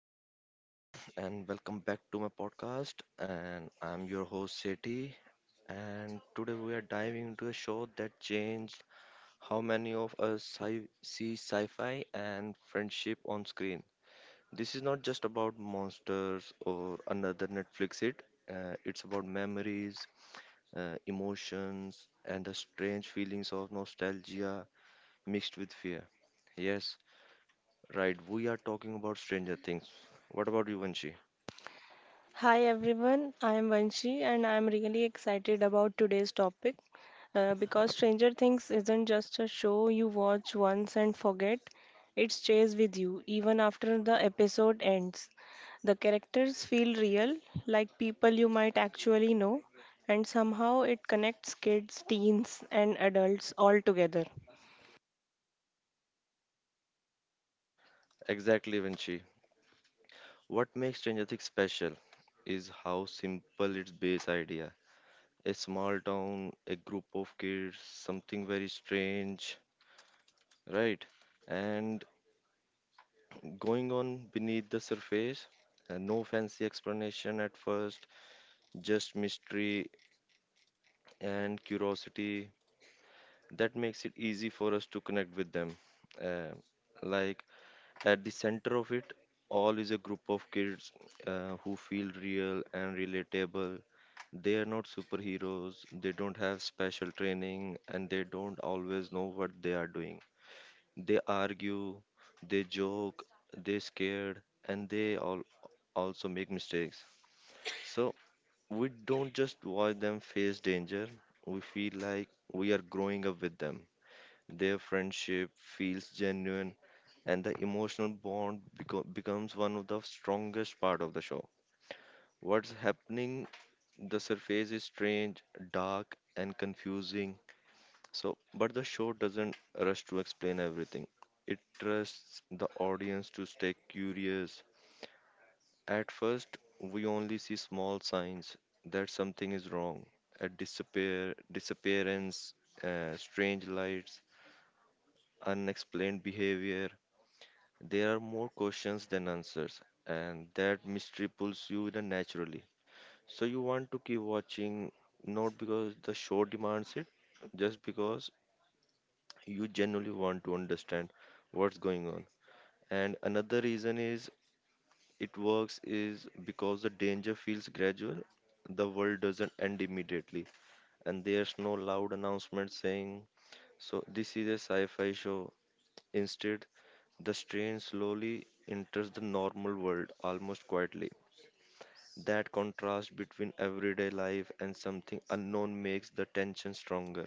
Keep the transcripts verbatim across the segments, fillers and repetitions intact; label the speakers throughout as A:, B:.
A: everyone, and welcome back to my podcast. And I'm your host, Seti. And today we are diving into a show that changed how many of us sci- see sci fi and friendship on screen. This is not just about monsters or another Netflix hit, uh, it's about memories, uh, emotions, and the strange feelings of nostalgia mixed with fear. Yes, right, we are talking about Stranger Things. What about you, Vanshi?
B: Hi everyone, I am Vanshi and I am really excited about today's topic uh, because Stranger Things isn't just a show you watch once and forget, it stays with you even after the episode ends. The characters feel real, like people you might actually know, and somehow it connects kids, teens, and adults all together.
A: Exactly, Vinci. What makes Stranger Things special is how simple its base idea. A small town, a group of kids, something very strange, right? And going on beneath the surface, uh, no fancy explanation at first, just mystery and curiosity. That makes it easy for us to connect with them. Uh, like At the center of it all is a group of kids uh, who feel real and relatable. They are not superheroes, they don't have special training, and they don't always know what they are doing. They argue, they joke, they scared, and they all also make mistakes. So we don't just watch them face danger, we feel like we are growing up with them. Their friendship feels genuine, and the emotional bond beco- becomes one of the strongest part of the show. What's happening, the surface is strange, dark, and confusing. So, but the show doesn't rush to explain everything. It trusts the audience to stay curious. At first, we only see small signs that something is wrong. A disappear, disappearance, uh, strange lights, unexplained behavior. There are more questions than answers, and that mystery pulls you in naturally. So you want to keep watching, not because the show demands it, just because you genuinely want to understand what's going on. And another reason is it works is because the danger feels gradual. The world doesn't end immediately, and there's no loud announcement saying, "So this is a sci-fi show." Instead, the strain slowly enters the normal world almost quietly. That contrast between everyday life and something unknown makes the tension stronger.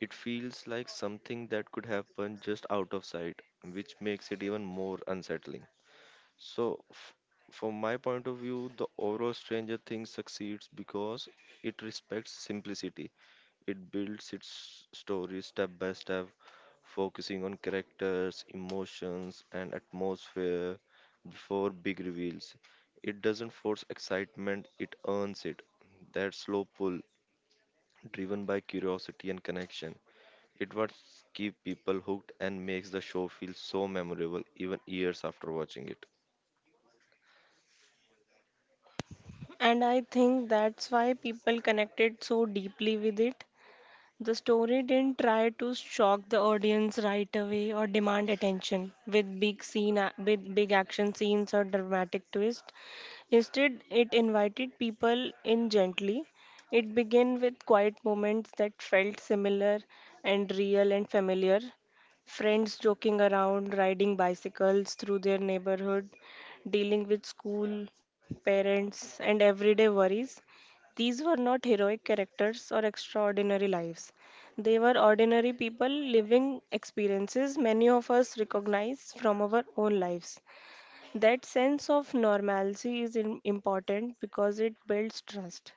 A: It feels like something that could happen just out of sight, which makes it even more unsettling. So, f- from my point of view, the overall Stranger Things succeeds because it respects simplicity. It builds its story step by step, focusing on characters, emotions, and atmosphere before big reveals. It doesn't force excitement, it earns it. That slow pull, driven by curiosity and connection, it what keeps people hooked and makes the show feel so memorable even years after watching it.
B: And I think that's why people connected so deeply with it. The story didn't try to shock the audience right away or demand attention with big scene with big action scenes or dramatic twist. Instead, it invited people in gently. It began with quiet moments that felt similar and real and familiar. Friends joking around, riding bicycles through their neighborhood, dealing with school, parents, and everyday worries. These were not heroic characters or extraordinary lives. They were ordinary people living experiences many of us recognize from our own lives. That sense of normalcy is im- important because it builds trust.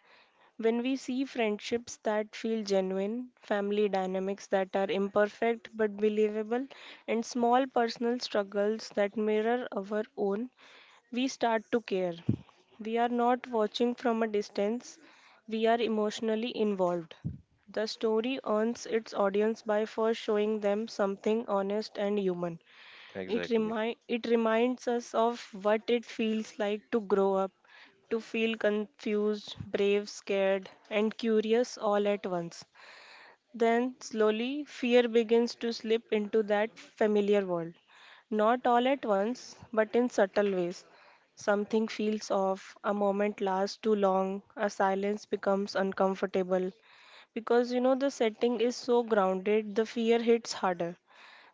B: When we see friendships that feel genuine, family dynamics that are imperfect but believable, and small personal struggles that mirror our own, we start to care. We are not watching from a distance, we are emotionally involved. The story earns its audience by first showing them something honest and human. It,
A: Exactly.
B: remi- it reminds us of what it feels like to grow up, to feel confused, brave, scared, and curious all at once. Then, slowly, fear begins to slip into that familiar world. Not all at once, but in subtle ways. Something feels off, a moment lasts too long, a silence becomes uncomfortable. Because you know the setting is so grounded, the fear hits harder.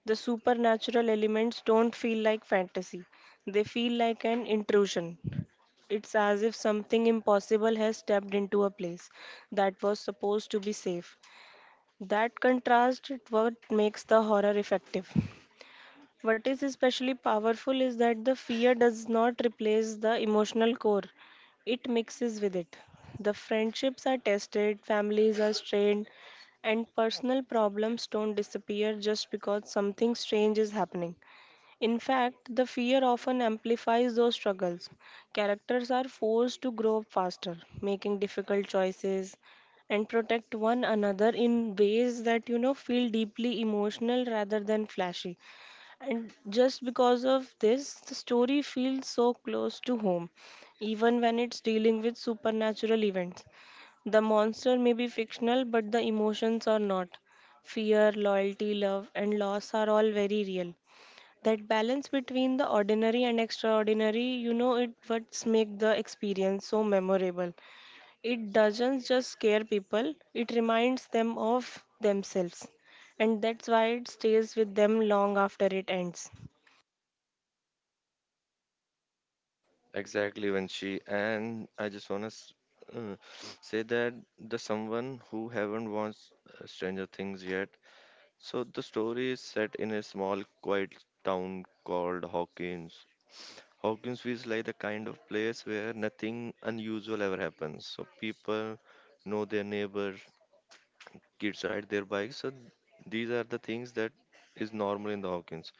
B: The supernatural elements don't feel like fantasy, they feel like an intrusion. It's as if something impossible has stepped into a place that was supposed to be safe. That contrast is what makes the horror effective. What is especially powerful is that the fear does not replace the emotional core, it mixes with it. The friendships are tested, families are strained, and personal problems don't disappear just because something strange is happening. In fact, the fear often amplifies those struggles. Characters are forced to grow up faster, making difficult choices and protect one another in ways that you know feel deeply emotional rather than flashy. And just because of this, the story feels so close to home, even when it's dealing with supernatural events. The monster may be fictional, but the emotions are not. Fear, loyalty, love, and loss are all very real. That balance between the ordinary and extraordinary, you know, it what's make the experience so memorable. It doesn't just scare people, it reminds them of themselves, and that's why it stays with them long after it ends.
A: Exactly, Vanshi. And I just wanna s- uh, say that the someone who haven't watched uh, Stranger Things yet. So the story is set in a small, quiet town called Hawkins. Hawkins feels like the kind of place where nothing unusual ever happens. So people know their neighbors, kids ride their bikes. So these are the things that is normal in the Hawkins.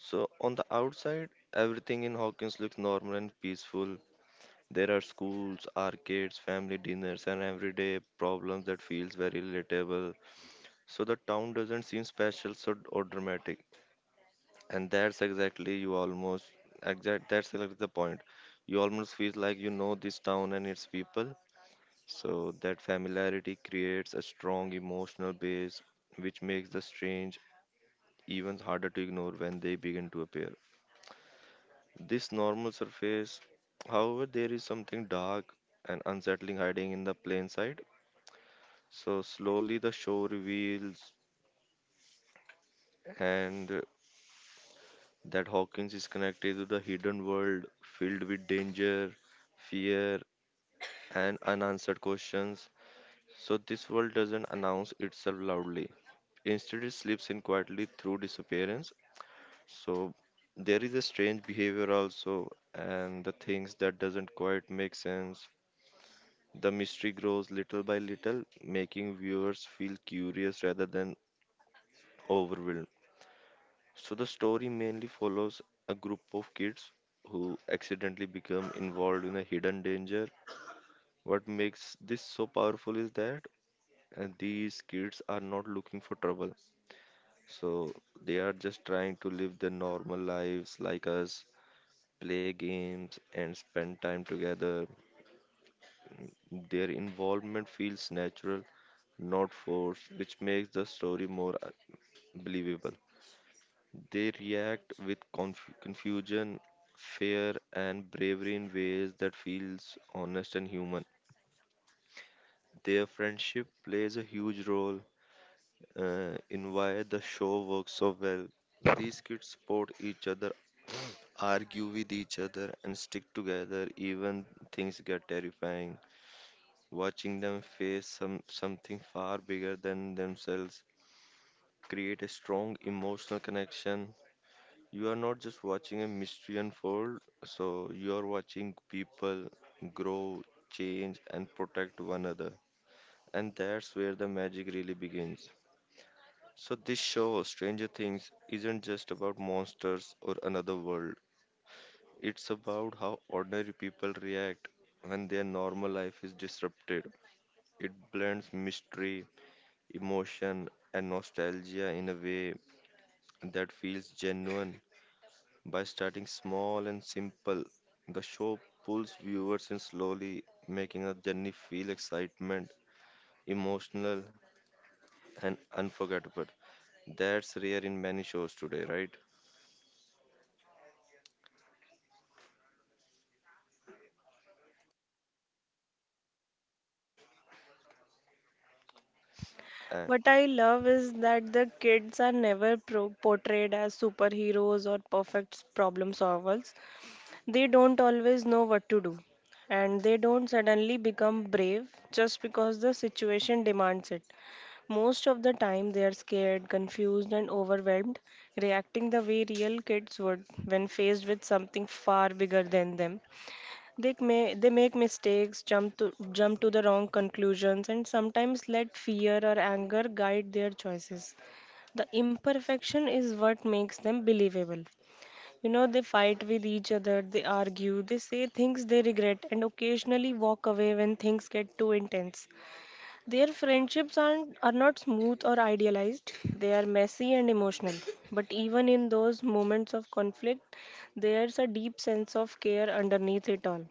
A: So on the outside, everything in Hawkins looks normal and peaceful. There are schools, arcades, family dinners, and everyday problems that feels very relatable. So the town doesn't seem special so, or dramatic, and that's exactly you almost exact. That's like the point. You almost feel like you know this town and its people. So that familiarity creates a strong emotional base, which makes the strange even harder to ignore when they begin to appear. This normal surface, however, there is something dark and unsettling hiding in the plain sight. So slowly the show reveals and that Hawkins is connected to the hidden world filled with danger, fear and unanswered questions. So this world doesn't announce itself loudly. Instead it slips in quietly through disappearance. So there is a strange behavior also and the things that doesn't quite make sense. The mystery grows little by little, making viewers feel curious rather than overwhelmed. So the story mainly follows a group of kids who accidentally become involved in a hidden danger. What makes this so powerful is that uh, these kids are not looking for trouble. So they are just trying to live their normal lives like us, play games and spend time together. Their involvement feels natural, not forced, which makes the story more uh, believable. They react with conf- confusion, fear, and bravery in ways that feels honest and human. Their friendship plays a huge role uh, in why the show works so well. These kids support each other, argue with each other, and stick together even things get terrifying. Watching them face some something far bigger than themselves create a strong emotional connection. You are not just watching a mystery unfold, so you are watching people grow, change, and protect one another. And that's where the magic really begins. So, this show, Stranger Things, isn't just about monsters or another world, it's about how ordinary people react when their normal life is disrupted. It blends mystery, emotion, and nostalgia in a way that feels genuine. By starting small and simple, the show pulls viewers in slowly, making the journey feel excitement, emotional, and unforgettable. That's rare in many shows today, right? And
B: What I love is that the kids are never pro- portrayed as superheroes or perfect problem solvers. They don't always know what to do, and they don't suddenly become brave just because the situation demands it. Most of the time, they are scared, confused, and overwhelmed, reacting the way real kids would when faced with something far bigger than them. They, may, they make mistakes, jump to, jump to the wrong conclusions, and sometimes let fear or anger guide their choices. The imperfection is what makes them believable. You know, they fight with each other, they argue, they say things they regret, and occasionally walk away when things get too intense. Their friendships aren't, are not smooth or idealized. They are messy and emotional. But even in those moments of conflict, there's a deep sense of care underneath it all.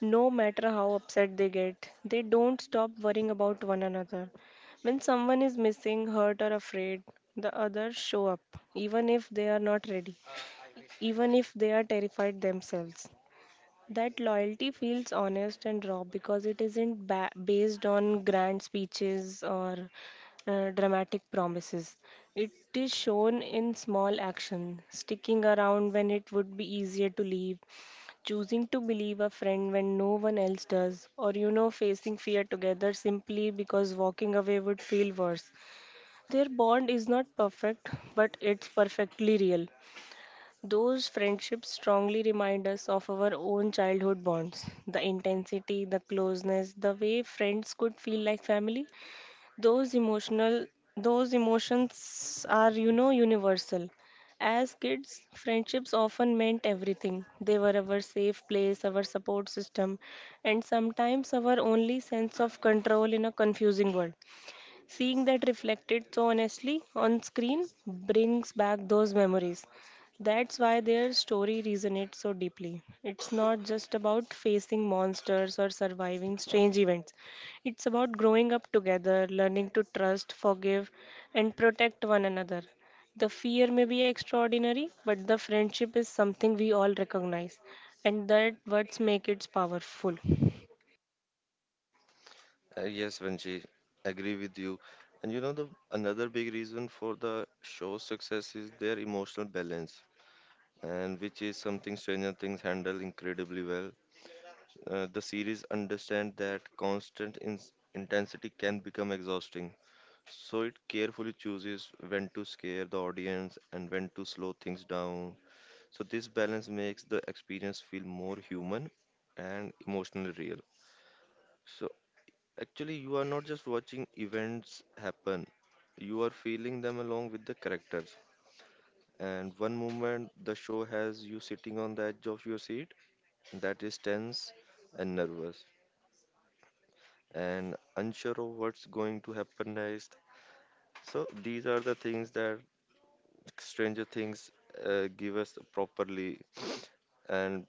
B: No matter how upset they get, they don't stop worrying about one another. When someone is missing, hurt, or afraid, the others show up, even if they are not ready, even if they are terrified themselves. That loyalty feels honest and raw because it isn't ba- based on grand speeches or uh, dramatic promises. It is shown in small action, sticking around when it would be easier to leave, choosing to believe a friend when no one else does, or you know, facing fear together simply because walking away would feel worse. Their bond is not perfect, but it's perfectly real. Those friendships strongly remind us of our own childhood bonds. The intensity, the closeness, the way friends could feel like family. Those emotional those emotions are, you know, universal. As kids, friendships often meant everything. They were our safe place, our support system, and sometimes our only sense of control in a confusing world. Seeing that reflected so honestly on screen brings back those memories. That's why their story resonates so deeply. It's not just about facing monsters or surviving strange events, it's about growing up together, learning to trust, forgive, and protect one another. The fear may be extraordinary, but the friendship is something we all recognize, and that what makes it powerful.
A: uh, yes, Vanji, agree with you. And you know the another big reason for the show's success is their emotional balance, and which is something Stranger Things handle incredibly well. Uh, the series understand that constant in- intensity can become exhausting. So it carefully chooses when to scare the audience and when to slow things down. So this balance makes the experience feel more human and emotionally real. So actually you are not just watching events happen, you are feeling them along with the characters. And one moment the show has you sitting on the edge of your seat that is tense and nervous and unsure of what's going to happen next. So these are the things that Stranger Things uh, give us properly, and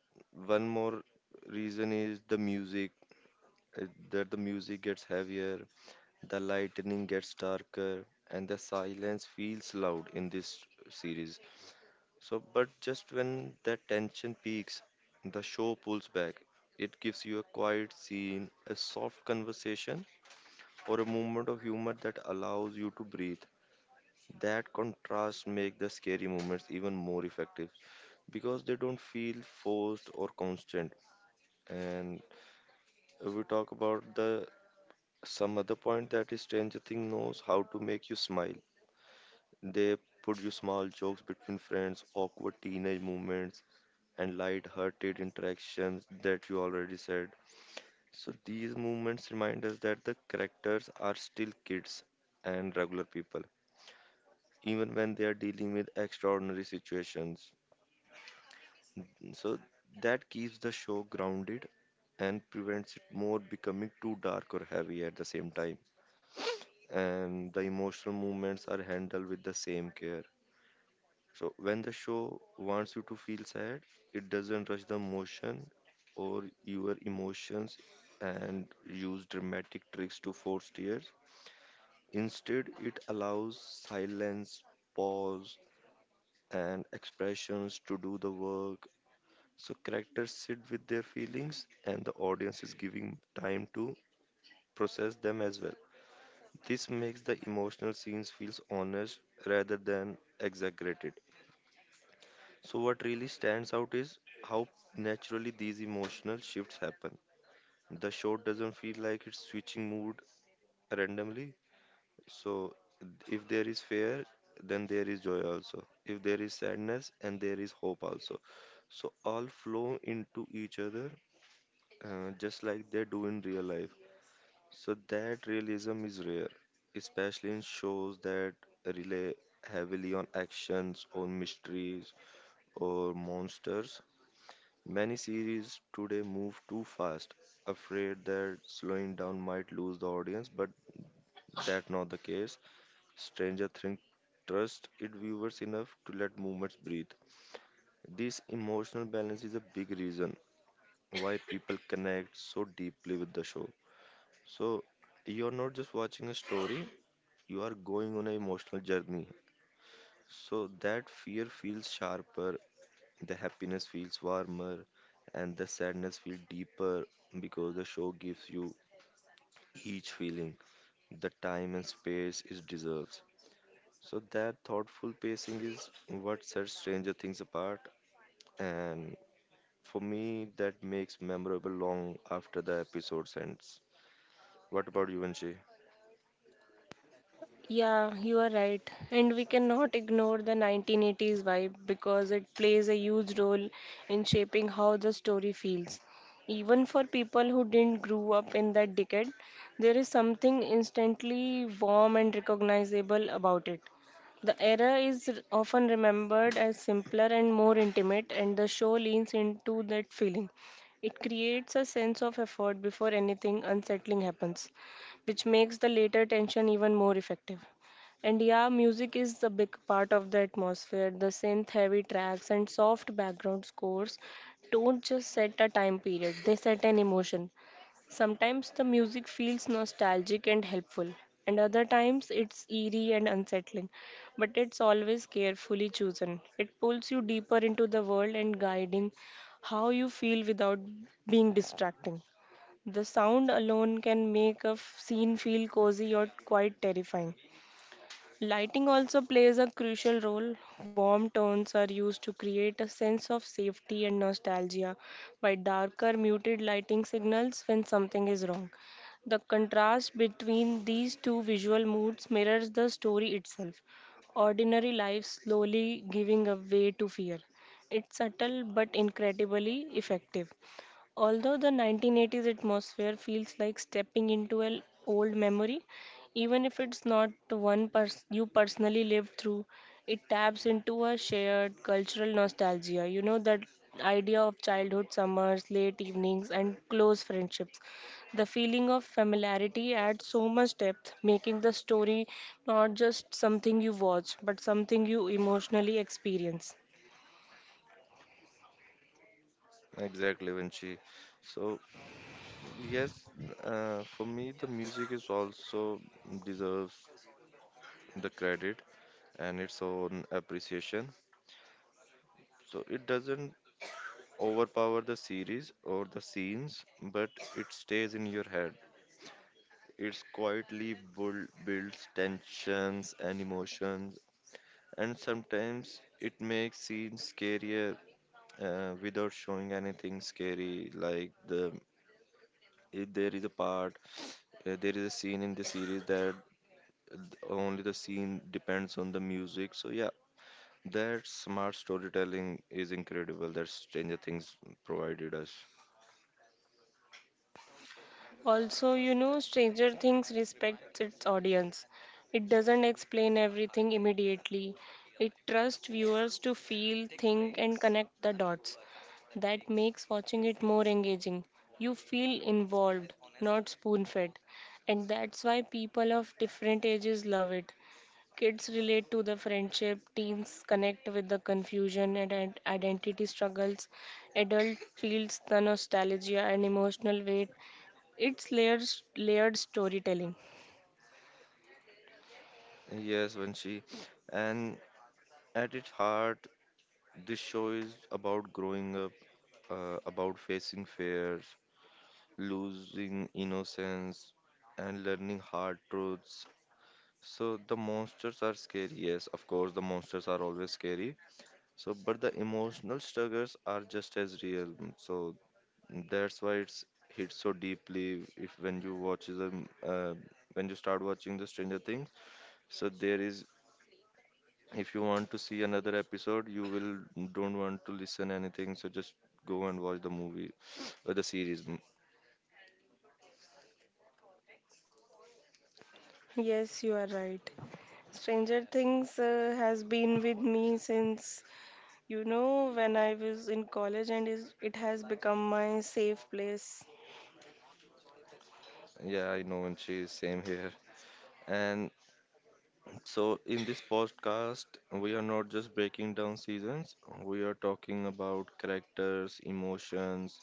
A: one more reason is the music. uh, That the music gets heavier, the lightning gets darker, and the silence feels loud in this series. So, but just when that tension peaks, the show pulls back. It gives you a quiet scene, a soft conversation, or a moment of humor that allows you to breathe. That contrast make the scary moments even more effective, because they don't feel forced or constant. And if we talk about the some other point that is Stranger Thing knows how to make you smile. They produce small jokes between friends, awkward teenage moments, and light-hearted interactions that you already said. So these moments remind us that the characters are still kids and regular people, even when they are dealing with extraordinary situations. So that keeps the show grounded and prevents it more becoming too dark or heavy at the same time, and the emotional movements are handled with the same care. So when the show wants you to feel sad, it doesn't rush the emotion or your emotions and use dramatic tricks to force tears. Instead it allows silence, pause, and expressions to do the work. So characters sit with their feelings and the audience is giving time to process them as well. This makes the emotional scenes feels honest rather than exaggerated. So what really stands out is how naturally these emotional shifts happen. The show doesn't feel like it's switching mood randomly. So if there is fear, then there is joy also. If there is sadness, and there is hope also. So all flow into each other, uh, just like they do in real life. So that realism is rare, especially in shows that rely heavily on actions or mysteries or monsters. Many series today move too fast, afraid that slowing down might lose the audience, but that's not the case. Stranger Things trusts its viewers enough to let movements breathe. This emotional balance is a big reason why people connect so deeply with the show. So you're not just watching a story, you are going on an emotional journey. So that fear feels sharper, the happiness feels warmer, and the sadness feels deeper because the show gives you each feeling. The time and space it deserves. So that thoughtful pacing is what sets Stranger Things apart, and for me, that makes memorable long after the episode ends. What about you, Vinci?
B: Yeah, you are right. And we cannot ignore the nineteen eighties vibe because it plays a huge role in shaping how the story feels. Even for people who didn't grow up in that decade, there is something instantly warm and recognizable about it. The era is r- often remembered as simpler and more intimate, and the show leans into that feeling. It creates a sense of effort before anything unsettling happens, which makes the later tension even more effective. And yeah, music is a big part of the atmosphere. The synth heavy tracks and soft background scores don't just set a time period, they set an emotion. Sometimes the music feels nostalgic and helpful, and other times it's eerie and unsettling, but it's always carefully chosen. It pulls you deeper into the world and guiding how you feel without being distracting. The sound alone can make a f- scene feel cozy or quite terrifying. Lighting also plays a crucial role. Warm tones are used to create a sense of safety and nostalgia, while darker, muted lighting signals when something is wrong. The contrast between these two visual moods mirrors the story itself. Ordinary life slowly giving a way to fear. It's subtle but incredibly effective. Although the nineteen eighties atmosphere feels like stepping into an old memory, even if it's not the one pers- you personally lived through, it taps into a shared cultural nostalgia. You know, that idea of childhood summers, late evenings, and close friendships. The feeling of familiarity adds so much depth, making the story not just something you watch, but something you emotionally experience.
A: Exactly, Vinci. So yes, uh, for me, the music is also deserves the credit and its own appreciation. So it doesn't overpower the series or the scenes, but it stays in your head. It quietly build, builds tensions and emotions, and sometimes it makes scenes scarier uh, without showing anything scary. Like the if there is a part, uh, there is a scene in the series that th- only the scene depends on the music. So yeah, that smart storytelling is incredible that Stranger Things provided us.
B: Also, you know, Stranger Things respects its audience. It doesn't explain everything immediately. It trusts viewers to feel, think, and connect the dots. That makes watching it more engaging. You feel involved, not spoon fed. And that's why people of different ages love it. Kids relate to the friendship, teens connect with the confusion and ident- identity struggles, adult feels the nostalgia and emotional weight. It's layered, layered storytelling.
A: Yes, Vanshi. And at its heart, this show is about growing up, uh, about facing fears, losing innocence, and learning hard truths. So the monsters are scary. Yes, of course, the monsters are always scary. So, but the emotional struggles are just as real. So that's why it's hits so deeply. If when you watch the uh, when you start watching the Stranger Things, so there is if you want to see another episode, you will don't want to listen anything. So just go and watch the movie or the series. Mm,
B: Yes, you are right. Stranger Things uh, has been with me since, you know, when I was in college, and is, it has become my safe place.
A: yeah, I know, and she's same here. And so in this podcast, we are not just breaking down seasons. We are talking about characters, emotions,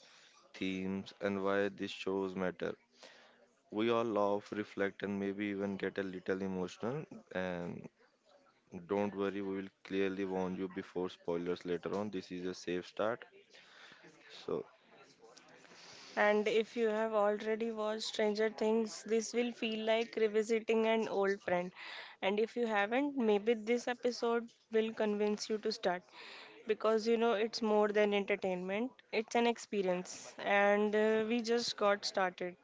A: themes, and why these shows matter. We all laugh, reflect, and maybe even get a little emotional. And don't worry, we will clearly warn you before spoilers later on. This is a safe start. So,
B: And if you have already watched Stranger Things, this will feel like revisiting an old friend. And if you haven't, maybe this episode will convince you to start because you know it's more than entertainment, it's an experience, and uh, we just got started.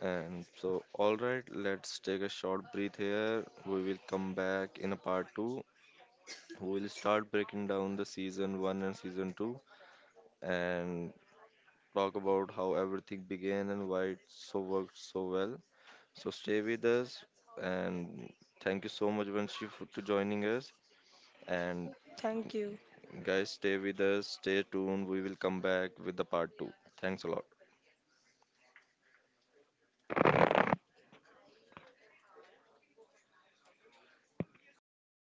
A: and so, all right, let's take a short breath here. We will come back in a part two. We will start breaking down the season one and season two and talk about how everything began and why it so worked so well. So, stay with us and thank you so much, Vanshi, for to joining us. And
B: Thank you.
A: guys, stay with us, stay tuned. We will come back with the part two. Thanks a lot.